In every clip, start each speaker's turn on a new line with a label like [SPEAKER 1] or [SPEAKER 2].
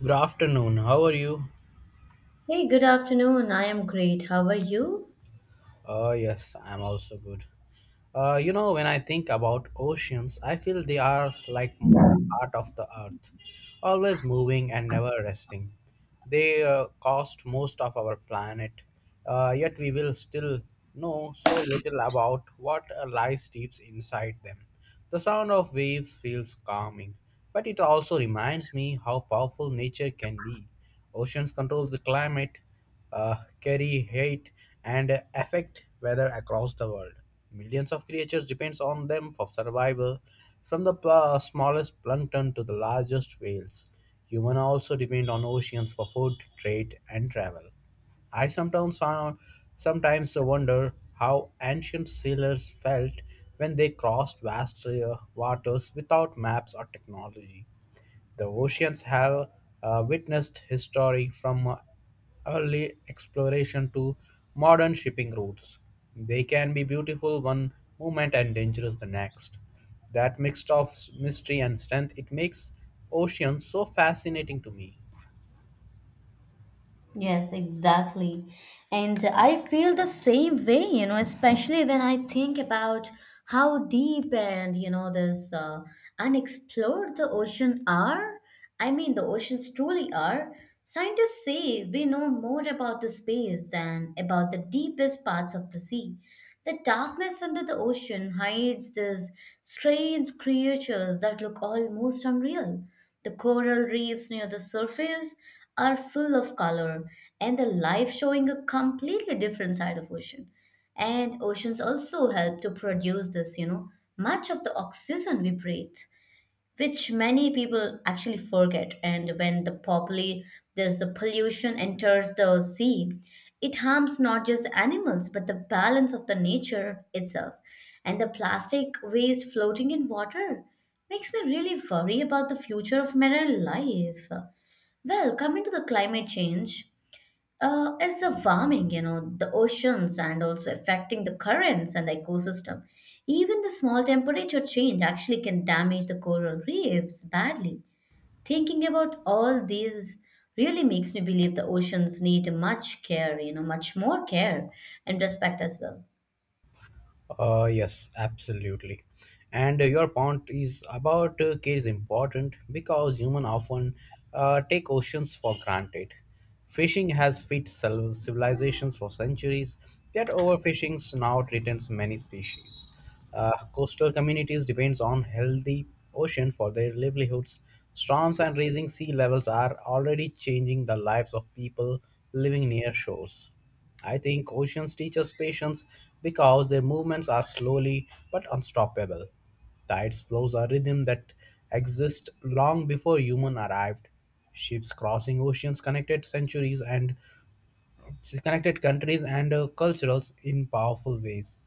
[SPEAKER 1] Good afternoon. How are you?
[SPEAKER 2] Hey, good afternoon. I am great. How are you?
[SPEAKER 1] Yes, I'm also good. When I think about oceans, I feel they are like the heart of the earth, always moving and never resting. They cost most of our planet, yet we will still know so little about what lies deep inside them. The sound of waves feels calming, but it also reminds me how powerful nature can be. Oceans control the climate, uh, carry hate and affect weather across the world. Millions of creatures depends on them for survival, from the smallest plankton to the largest whales. Humans also depend on oceans for food, trade, and travel. I sometimes found, Sometimes wonder how ancient sailors felt when they crossed vast waters without maps or technology. The oceans have witnessed history from early exploration to modern shipping routes. They can be beautiful one moment and dangerous the next. That mix of mystery and strength, it makes oceans so fascinating to me.
[SPEAKER 2] Yes, exactly. And I feel the same way, especially when I think about how deep and, this unexplored the ocean are. I mean, the oceans truly are. Scientists say we know more about the space than about the deepest parts of the sea. The darkness under the ocean hides these strange creatures that look almost unreal. The coral reefs near the surface are full of color and the life showing a completely different side of ocean. And oceans also help to produce this, much of the oxygen we breathe which many people actually forget. And when the poppy, there's the pollution enters the sea, it harms not just the animals but the balance of the nature itself. And the plastic waste floating in water makes me really worry about the future of marine life. Well, coming to the climate change, is the warming, the oceans and also affecting the currents and the ecosystem. Even the small temperature change actually can damage the coral reefs badly. Thinking about all these really makes me believe the oceans need much care, much more care and respect as well.
[SPEAKER 1] Yes, absolutely. And your point is about care is important because humans often take oceans for granted. Fishing has fed civilizations for centuries, yet overfishing now threatens many species. Coastal communities depends on healthy ocean for their livelihoods. Storms and rising sea levels are already changing the lives of people living near shores. I think oceans teach us patience because their movements are slowly but unstoppable. Tides flows a rhythm that exists long before human arrived. Ships crossing oceans connected centuries and connected countries and cultures in powerful ways.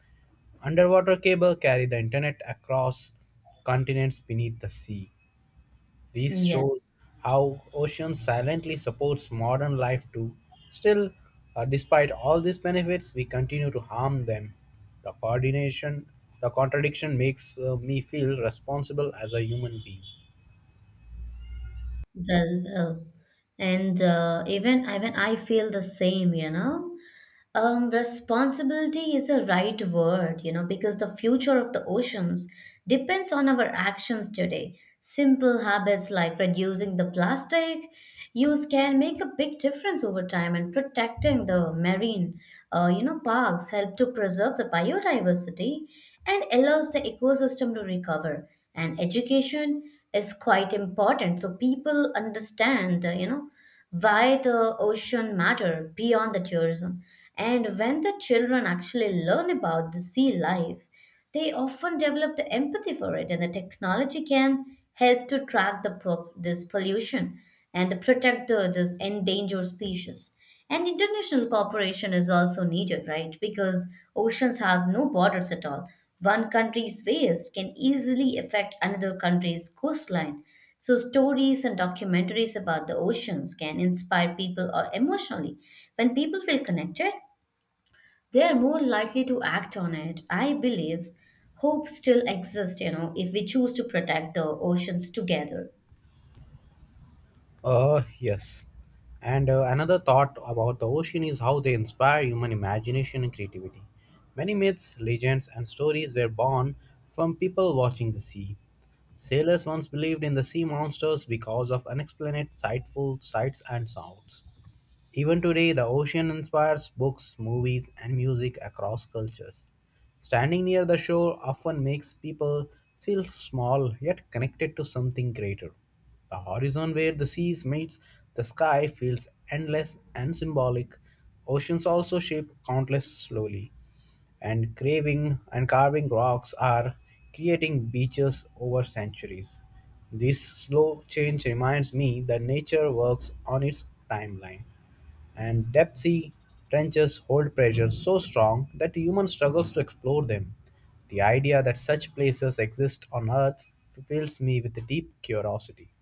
[SPEAKER 1] Underwater cable carry the internet across continents beneath the sea. This
[SPEAKER 2] Yes,
[SPEAKER 1] shows how ocean silently supports modern life too. Still, despite all these benefits, we continue to harm them. The coordination, the contradiction makes me feel responsible as a human being.
[SPEAKER 2] well, well. And even I feel the same, you know. Responsibility is a right word, because the future of the oceans depends on our actions today. Simple habits like reducing the plastic use can make a big difference over time, and protecting the marine, parks help to preserve the biodiversity and allows the ecosystem to recover. And education is quite important, so people understand, why the ocean matter beyond the tourism. And when the children actually learn about the sea life, they often develop the empathy for it, and the technology can help to track the this pollution and to protect this endangered species. And international cooperation is also needed, right? Because oceans have no borders at all. One country's waste can easily affect another country's coastline. So, stories and documentaries about the oceans can inspire people emotionally. When people feel connected, they are more likely to act on it. I believe hope still exists, if we choose to protect the oceans together.
[SPEAKER 1] Yes. And another thought about the ocean is how they inspire human imagination and creativity. Many myths, legends, and stories were born from people watching the sea. Sailors once believed in the sea monsters because of unexplained sightful sights and sounds. Even today, the ocean inspires books, movies, and music across cultures. Standing near the shore often makes people feel small yet connected to something greater. The horizon where the seas meets the sky feels endless and symbolic. Oceans also shape countless slowly, and craving and carving rocks are creating beaches over centuries. This slow change reminds me that nature works on its timeline, and deep-sea trenches hold pressures so strong that human struggles to explore them. The idea that such places exist on Earth fills me with a deep curiosity.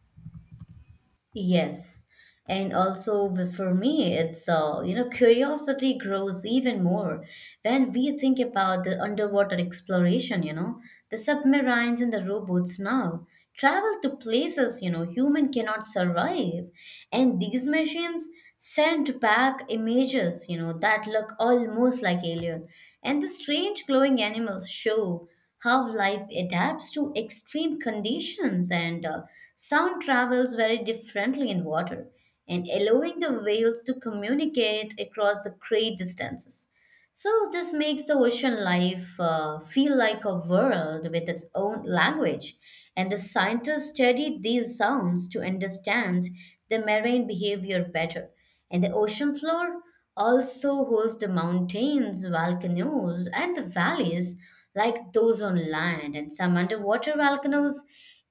[SPEAKER 2] Yes. And also for me, it's curiosity grows even more when we think about the underwater exploration, the submarines and the robots now travel to places, human cannot survive. And these machines send back images, that look almost like alien. And the strange glowing animals show how life adapts to extreme conditions, and sound travels very differently in water, and allowing the whales to communicate across the great distances. So, this makes the ocean life feel like a world with its own language, and the scientists studied these sounds to understand the marine behavior better. And the ocean floor also hosts the mountains, volcanoes, and the valleys like those on land, and some underwater volcanoes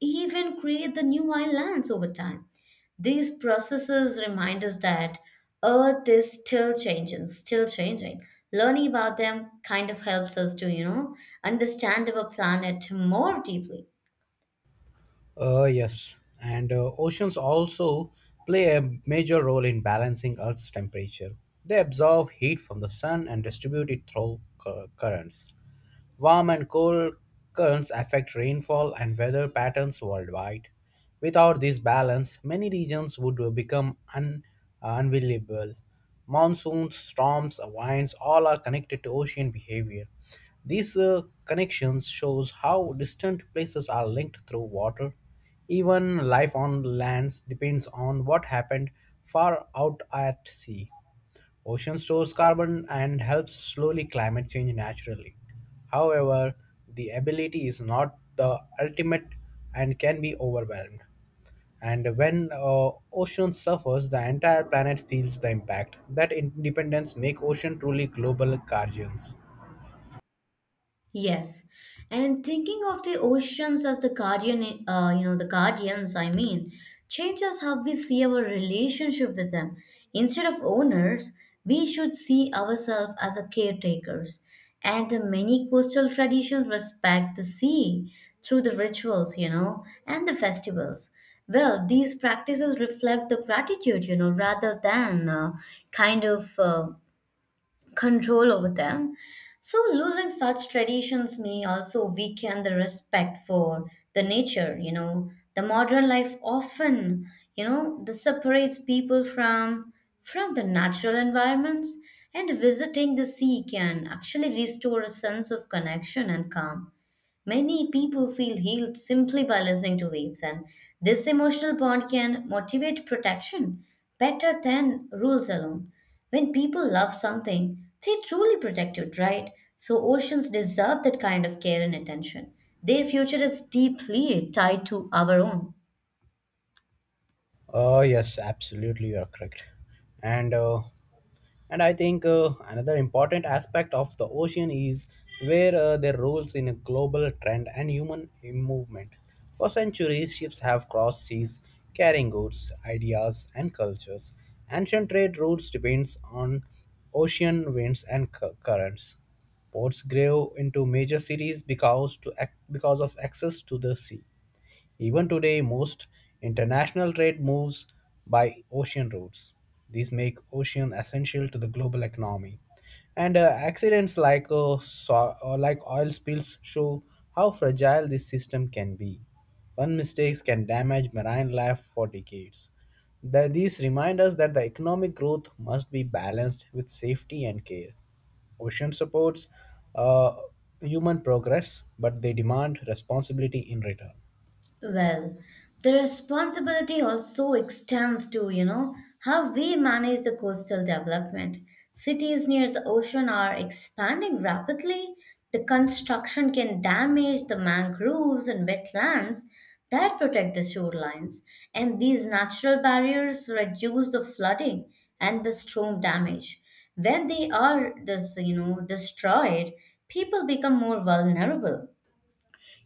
[SPEAKER 2] even create the new islands over time. These processes remind us that Earth is still changing, still changing. Learning about them kind of helps us to, understand our planet more deeply.
[SPEAKER 1] Yes, and oceans also play a major role in balancing Earth's temperature. They absorb heat from the sun and distribute it through currents. Warm and cold currents affect rainfall and weather patterns worldwide. Without this balance, many regions would become unavailable. Monsoons, storms, winds all are connected to ocean behavior. These connections shows how distant places are linked through water. Even life on lands depends on what happened far out at sea. Ocean stores carbon and helps slowly climate change naturally. However, the ability is not the ultimate and can be overwhelmed. And when ocean suffers, the entire planet feels the impact. That independence make ocean truly global guardians.
[SPEAKER 2] Yes, and thinking of the oceans as the guardian, the guardians, I mean, changes how we see our relationship with them. Instead of owners, we should see ourselves as the caretakers. And the many coastal traditions respect the sea through the rituals, and the festivals. Well, these practices reflect the gratitude, rather than kind of. Control over them. So, losing such traditions may also weaken the respect for the nature, you know. The modern life often, you know, this separates people from the natural environments and visiting the sea can actually restore a sense of connection and calm. Many people feel healed simply by listening to waves, and this emotional bond can motivate protection better than rules alone. When people love something, they truly protect it, right? So, oceans deserve that kind of care and attention. Their future is deeply tied to our own.
[SPEAKER 1] Yes, absolutely, you are correct. And uh, and I think another important aspect of the ocean is where their roles in a global trend and human movement. For centuries, ships have crossed seas carrying goods, ideas, and cultures. Ancient trade routes depends on ocean winds and currents. Ports grew into major cities because of access to the sea. Even today, most international trade moves by ocean routes. These make ocean essential to the global economy. And accidents like so- or like oil spills show how fragile this system can be. One mistake can damage marine life for decades. That these remind us that the economic growth must be balanced with safety and care. Ocean supports uh, human progress, but they demand responsibility in return.
[SPEAKER 2] Well, the responsibility also extends to, how we manage the coastal development. Cities near the ocean are expanding rapidly. The construction can damage the mangroves and wetlands that protect the shorelines, and these natural barriers reduce the flooding and the storm damage. When they are, this, destroyed, people become more vulnerable,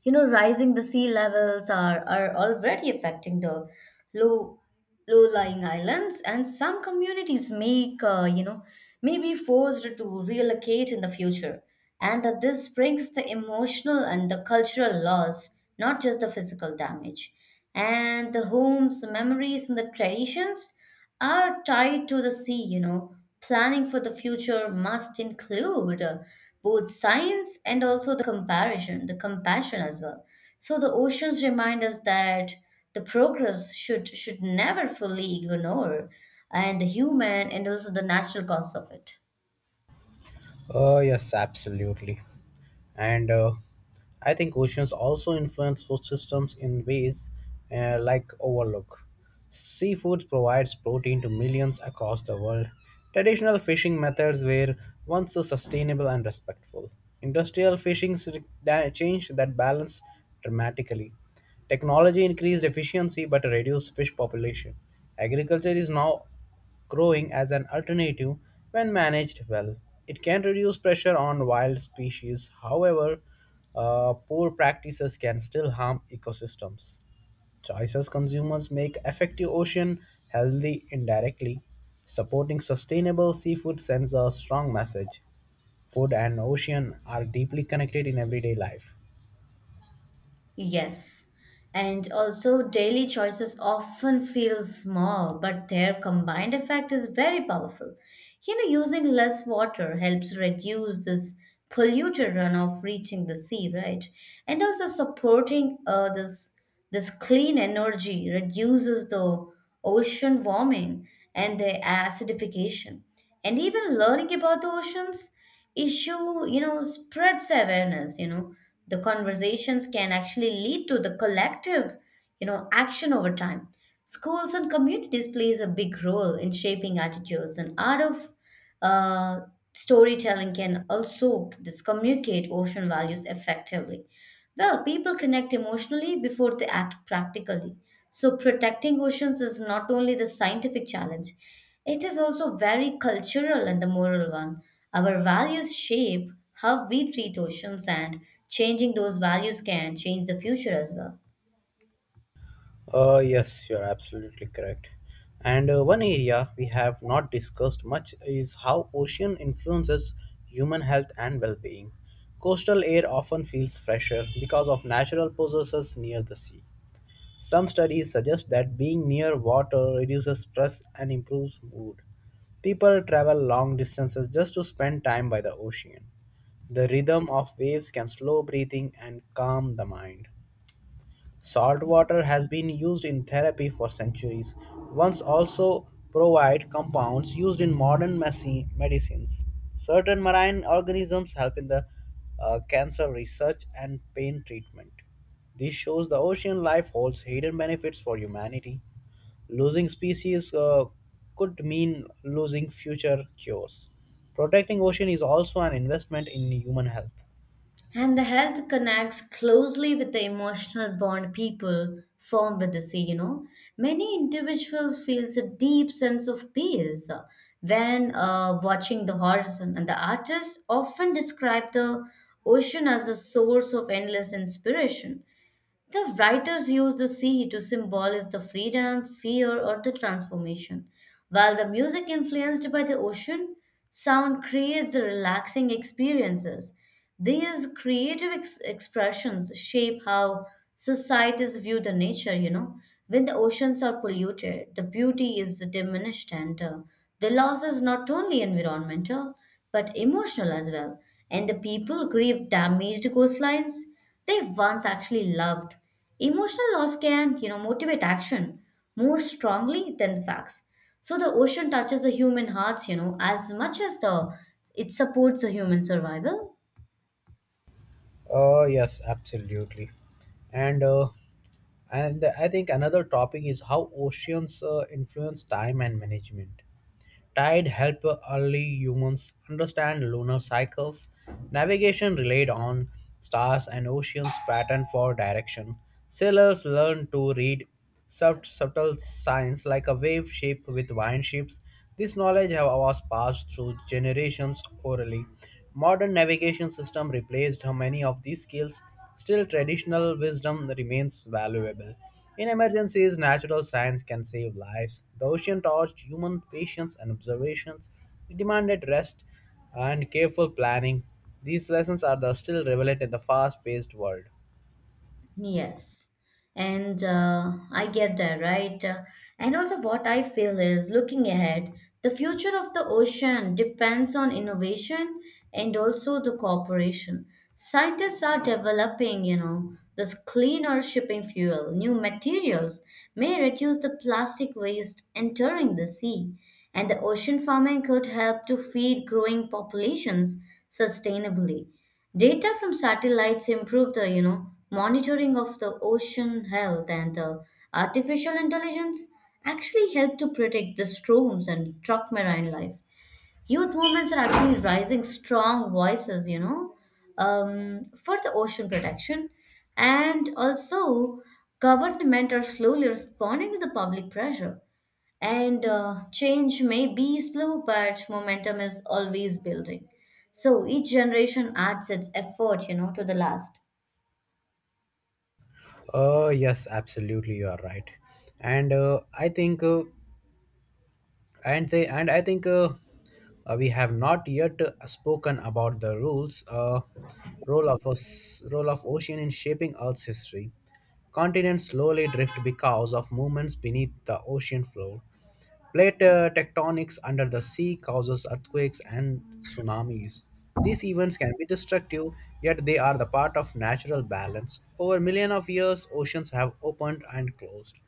[SPEAKER 2] you know. Rising the sea levels are already affecting the low low lying islands, and some communities make, may be forced to relocate in the future, and that this brings the emotional and the cultural loss, not just the physical damage, and the homes, the memories, and the traditions are tied to the sea, you know. Planning for the future must include both science and also the compassion as well. So the oceans remind us that the progress should never fully ignore and the human and also the natural cost of it.
[SPEAKER 1] Oh, yes, absolutely. And I think oceans also influence food systems in ways like overlook. Seafood provides protein to millions across the world. Traditional fishing methods were once so sustainable and respectful. Industrial fishing changed that balance dramatically. Technology increased efficiency but reduced fish population. Agriculture is now growing as an alternative. When managed well, it can reduce pressure on wild species. However, poor practices can still harm ecosystems. Choices consumers make affect the ocean healthy indirectly. Supporting sustainable seafood sends a strong message. Food and ocean are deeply connected in everyday life.
[SPEAKER 2] Yes. And also daily choices often feel small, but their combined effect is very powerful. You know, using less water helps reduce this polluter runoff reaching the sea, right? And also supporting this clean energy reduces the ocean warming and the acidification. And even learning about the oceans issue, you know, spreads awareness, you know, the conversations can actually lead to the collective, action over time. Schools and communities plays a big role in shaping attitudes, and art of uh, storytelling can also this communicate ocean values effectively. Well, people connect emotionally before they act practically. So, protecting oceans is not only the scientific challenge, it is also very cultural and the moral one. Our values shape how we treat oceans, and changing those values can change the future as well.
[SPEAKER 1] Yes, you're absolutely correct. And one area we have not discussed much is how ocean influences human health and well being. Coastal air often feels fresher because of natural processes near the sea. Some studies suggest that being near water reduces stress and improves mood. People travel long distances just to spend time by the ocean. The rhythm of waves can slow breathing and calm the mind. Salt water has been used in therapy for centuries. Once also provide compounds used in modern medicines. Certain marine organisms help in the cancer research and pain treatment. This shows the ocean life holds hidden benefits for humanity. Losing species could mean losing future cures. Protecting ocean is also an investment in human health.
[SPEAKER 2] And the health connects closely with the emotional bond people form with the sea, you know. Many individuals feels a deep sense of peace when watching the horizon. And the artists often describe the ocean as a source of endless inspiration. The writers use the sea to symbolize the freedom, fear, or the transformation. While the music influenced by the ocean sound creates relaxing experiences. These creative expressions shape how societies view the nature, you know. When the oceans are polluted, the beauty is diminished, and the loss is not only environmental but emotional as well. And the people grieve damaged coastlines they once actually loved. Emotional loss can, motivate action more strongly than facts. So the ocean touches the human hearts, as much as the it supports the human survival.
[SPEAKER 1] Yes, absolutely. And uh, and I think another topic is how oceans influence time and management. Tide helped early humans understand lunar cycles. Navigation relied on stars and oceans' pattern for direction. Sailors learned to read subtle signs like a wave shape with wine ships. This knowledge was passed through generations orally. Modern navigation system replaced many of these skills. Still, traditional wisdom remains valuable. In emergencies, natural science can save lives. The ocean taught human patience and observations. It demanded rest and careful planning. These lessons are the still relevant in the fast paced world.
[SPEAKER 2] Yes. And I get that, right? And also, what I feel is looking ahead, the future of the ocean depends on innovation and also the cooperation. Scientists are developing, this cleaner shipping fuel, new materials may reduce the plastic waste entering the sea. And the ocean farming could help to feed growing populations sustainably. Data from satellites improve the, monitoring of the ocean health, and artificial intelligence actually help to predict the storms and truck marine life. Youth movements are actually rising strong voices, for the ocean protection. And also, government are slowly responding to the public pressure, and change may be slow but momentum is always building. So each generation adds its effort, to the last.
[SPEAKER 1] Oh, yes, absolutely, you are right. And I think. And they and I think we have not yet spoken about the rules role of us role of ocean in shaping earth's history. Continents slowly drift because of movements beneath the ocean floor. Plate tectonics under the sea causes earthquakes and tsunamis. These events can be destructive, yet they are the part of natural balance. Over millions of years, oceans have opened and closed.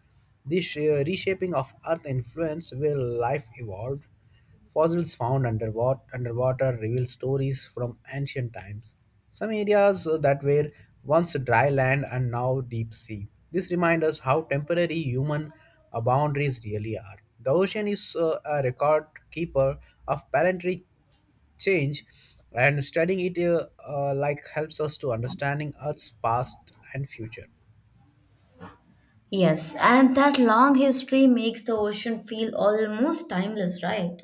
[SPEAKER 1] This reshaping of Earth influenced where life evolved. Underwater reveal stories from ancient times. Some areas that were once dry land and now deep sea. This reminds us how temporary human boundaries really are. The ocean is a record keeper of planetary change, and studying it like helps us to understanding Earth's past and future.
[SPEAKER 2] Yes, and that long history makes the ocean feel almost timeless, right?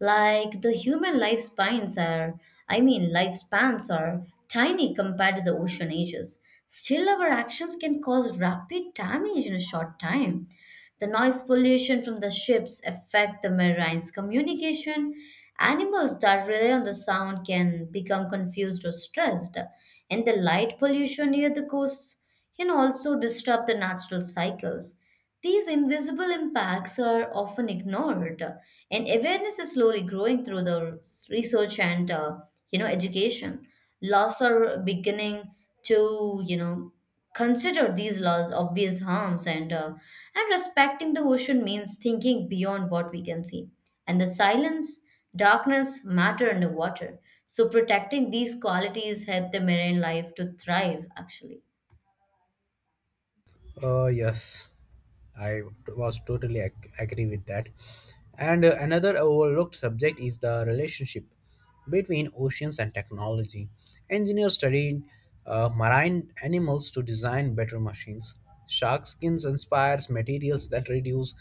[SPEAKER 2] Like the human lifespans are tiny compared to the ocean ages. Still our actions can cause rapid damage in a short time. The noise pollution from the ships affect the marine's communication. Animals that rely on the sound can become confused or stressed, and the light pollution near the coasts can also disrupt the natural cycles. These invisible impacts are often ignored, and awareness is slowly growing through the research and, education. Laws are beginning to, consider these laws obvious harms, and respecting the ocean means thinking beyond what we can see, and the silence darkness matter underwater, so protecting these qualities help the marine life to thrive actually.
[SPEAKER 1] Yes, I agree with that. And another overlooked subject is the relationship between oceans and technology. Engineers study marine animals to design better machines. Shark skins inspires materials that reduce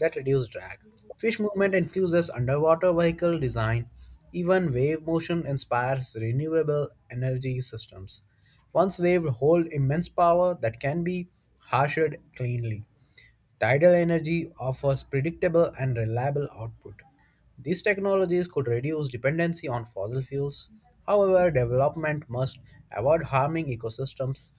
[SPEAKER 1] that reduce drag. Fish movement influences underwater vehicle design. Even wave motion inspires renewable energy systems. Once waves hold immense power that can be harshed cleanly. Tidal energy offers predictable and reliable output. These technologies could reduce dependency on fossil fuels. However, development must avoid harming ecosystems.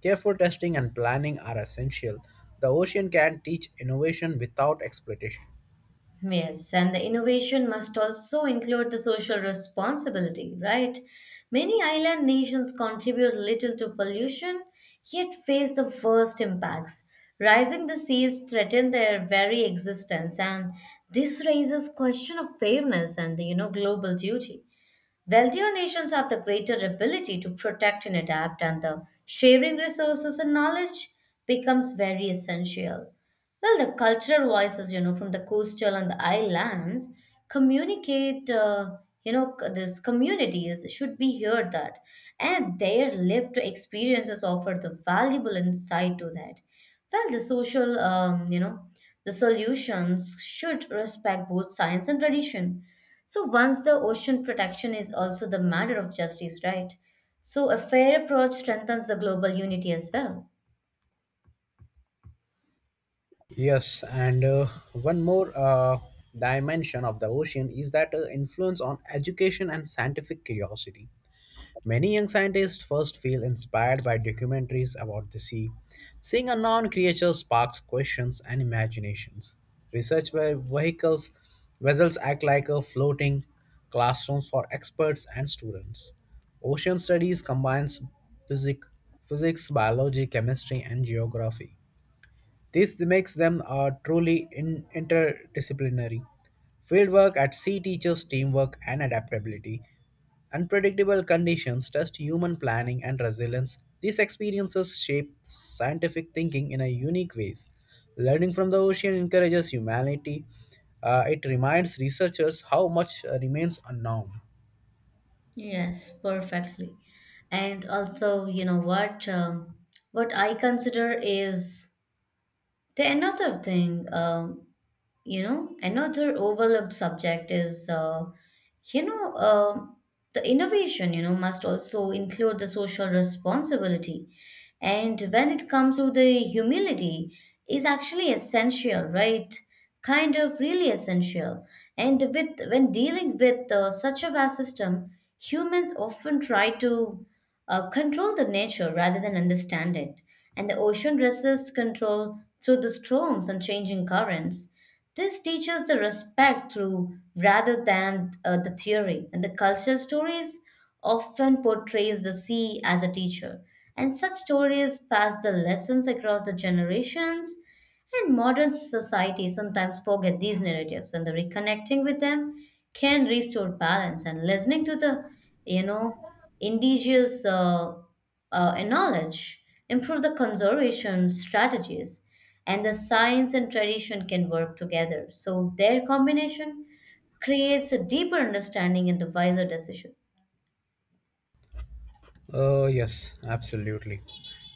[SPEAKER 1] Careful testing and planning are essential. The ocean can teach innovation without exploitation.
[SPEAKER 2] Yes, and the innovation must also include the social responsibility, right? Many island nations contribute little to pollution, yet face the worst impacts. Rising the seas threaten their very existence, and this raises question of fairness and the, global duty. Wealthier nations have the greater ability to protect and adapt, and the sharing resources and knowledge becomes very essential. Well, the cultural voices, from the coastal and the islands communicate, these communities should be heard that, and their lived experiences offer the valuable insight to that. Well, the social, the solutions should respect both science and tradition. So once the ocean protection is also the matter of justice, right? So a fair approach strengthens the global unity as well.
[SPEAKER 1] Yes, and one more dimension of the ocean is that influence on education and scientific curiosity. Many young scientists first feel inspired by documentaries about the sea. Seeing unknown creatures sparks questions and imaginations. Research ve- vehicles vessels act like a floating classrooms for experts and students. Ocean studies combines physic, physics, biology, chemistry, and geography. This makes them a truly interdisciplinary. Fieldwork at sea teaches teamwork and adaptability. Unpredictable conditions test human planning and resilience. These experiences shape scientific thinking in a unique ways. Learning from the ocean encourages humanity. It reminds researchers how much remains unknown.
[SPEAKER 2] Yes, perfectly. And also, you know what? What I consider is the another thing. Another overlooked subject is you know uh, the innovation, you know, must also include the social responsibility, and when it comes to the humility is actually essential, right? Kind of really essential. And with when dealing with such a vast system, humans often try to control the nature rather than understand it, and the ocean resists control through the storms and changing currents. This teaches the respect through rather than the theory. And the cultural stories often portrays the sea as a teacher. And such stories pass the lessons across the generations, and modern society sometimes forget these narratives, and the reconnecting with them can restore balance. And listening to the, you know, indigenous knowledge improve the conservation strategies, and the science and tradition can work together. So their combination creates a deeper understanding and the wiser decision.
[SPEAKER 1] Yes, absolutely.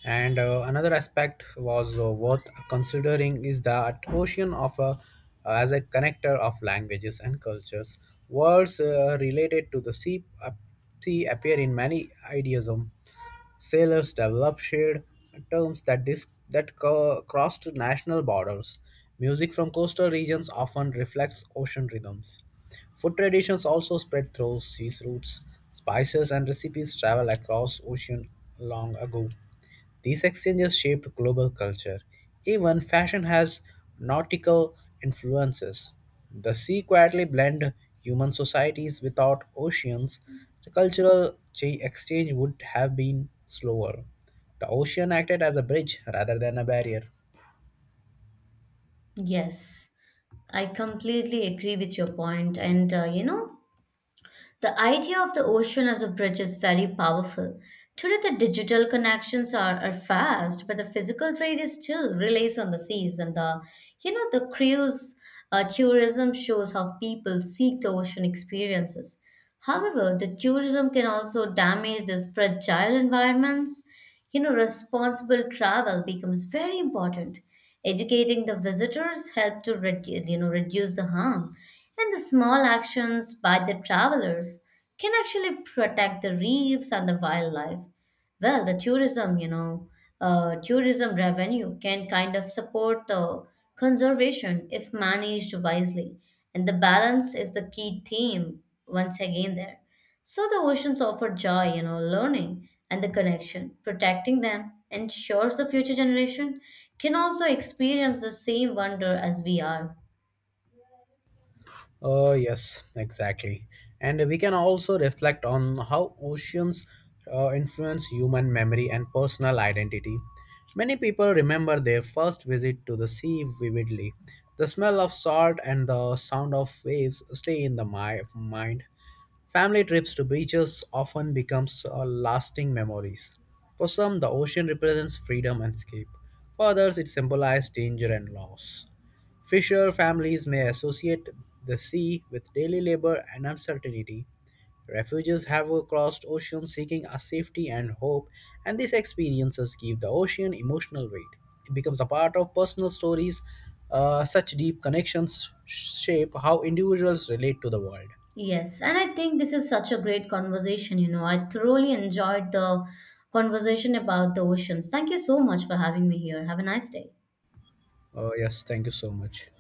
[SPEAKER 1] And another aspect was worth considering is that ocean offer as a connector of languages and cultures. Words related to the sea appear in many idealism. Sailors developed shared terms that crossed national borders. Music from coastal regions often reflects ocean rhythms. Food traditions also spread through sea routes. Spices and recipes travel across ocean long ago. These exchanges shaped global culture. Even fashion has nautical influences. The sea quietly blend human societies without oceans. The cultural exchange would have been slower. The ocean acted as a bridge rather than a barrier.
[SPEAKER 2] Yes. I completely agree with your point. And, the idea of the ocean as a bridge is very powerful. Today, the digital connections are fast, but the physical trade is still relies on the seas and the, the cruise tourism shows how people seek the ocean experiences. However, the tourism can also damage these fragile environments. You know, responsible travel becomes very important. Educating the visitors help to reduce the harm, and the small actions by the travelers can actually protect the reefs and the wildlife. Well, the tourism, tourism revenue can kind of support the conservation if managed wisely, and the balance is the key theme once again there. So the oceans offer joy, learning and the connection. Protecting them ensures the future generation can also experience the same wonder as we are.
[SPEAKER 1] Oh, yes, exactly. And we can also reflect on how oceans influence human memory and personal identity. Many people remember their first visit to the sea vividly. The smell of salt and the sound of waves stay in the mind. Family trips to beaches often becomes lasting memories. For some, the ocean represents freedom and escape. For others, it symbolizes danger and loss. Fisher families may associate the sea with daily labor and uncertainty. Refugees have crossed oceans seeking a safety and hope, and these experiences give the ocean emotional weight. It becomes a part of personal stories. Such deep connections shape how individuals relate to the world.
[SPEAKER 2] Yes, and I think this is such a great conversation, you know. I thoroughly enjoyed the conversation about the oceans. Thank you so much for having me here. Have a nice day.
[SPEAKER 1] Yes, thank you so much.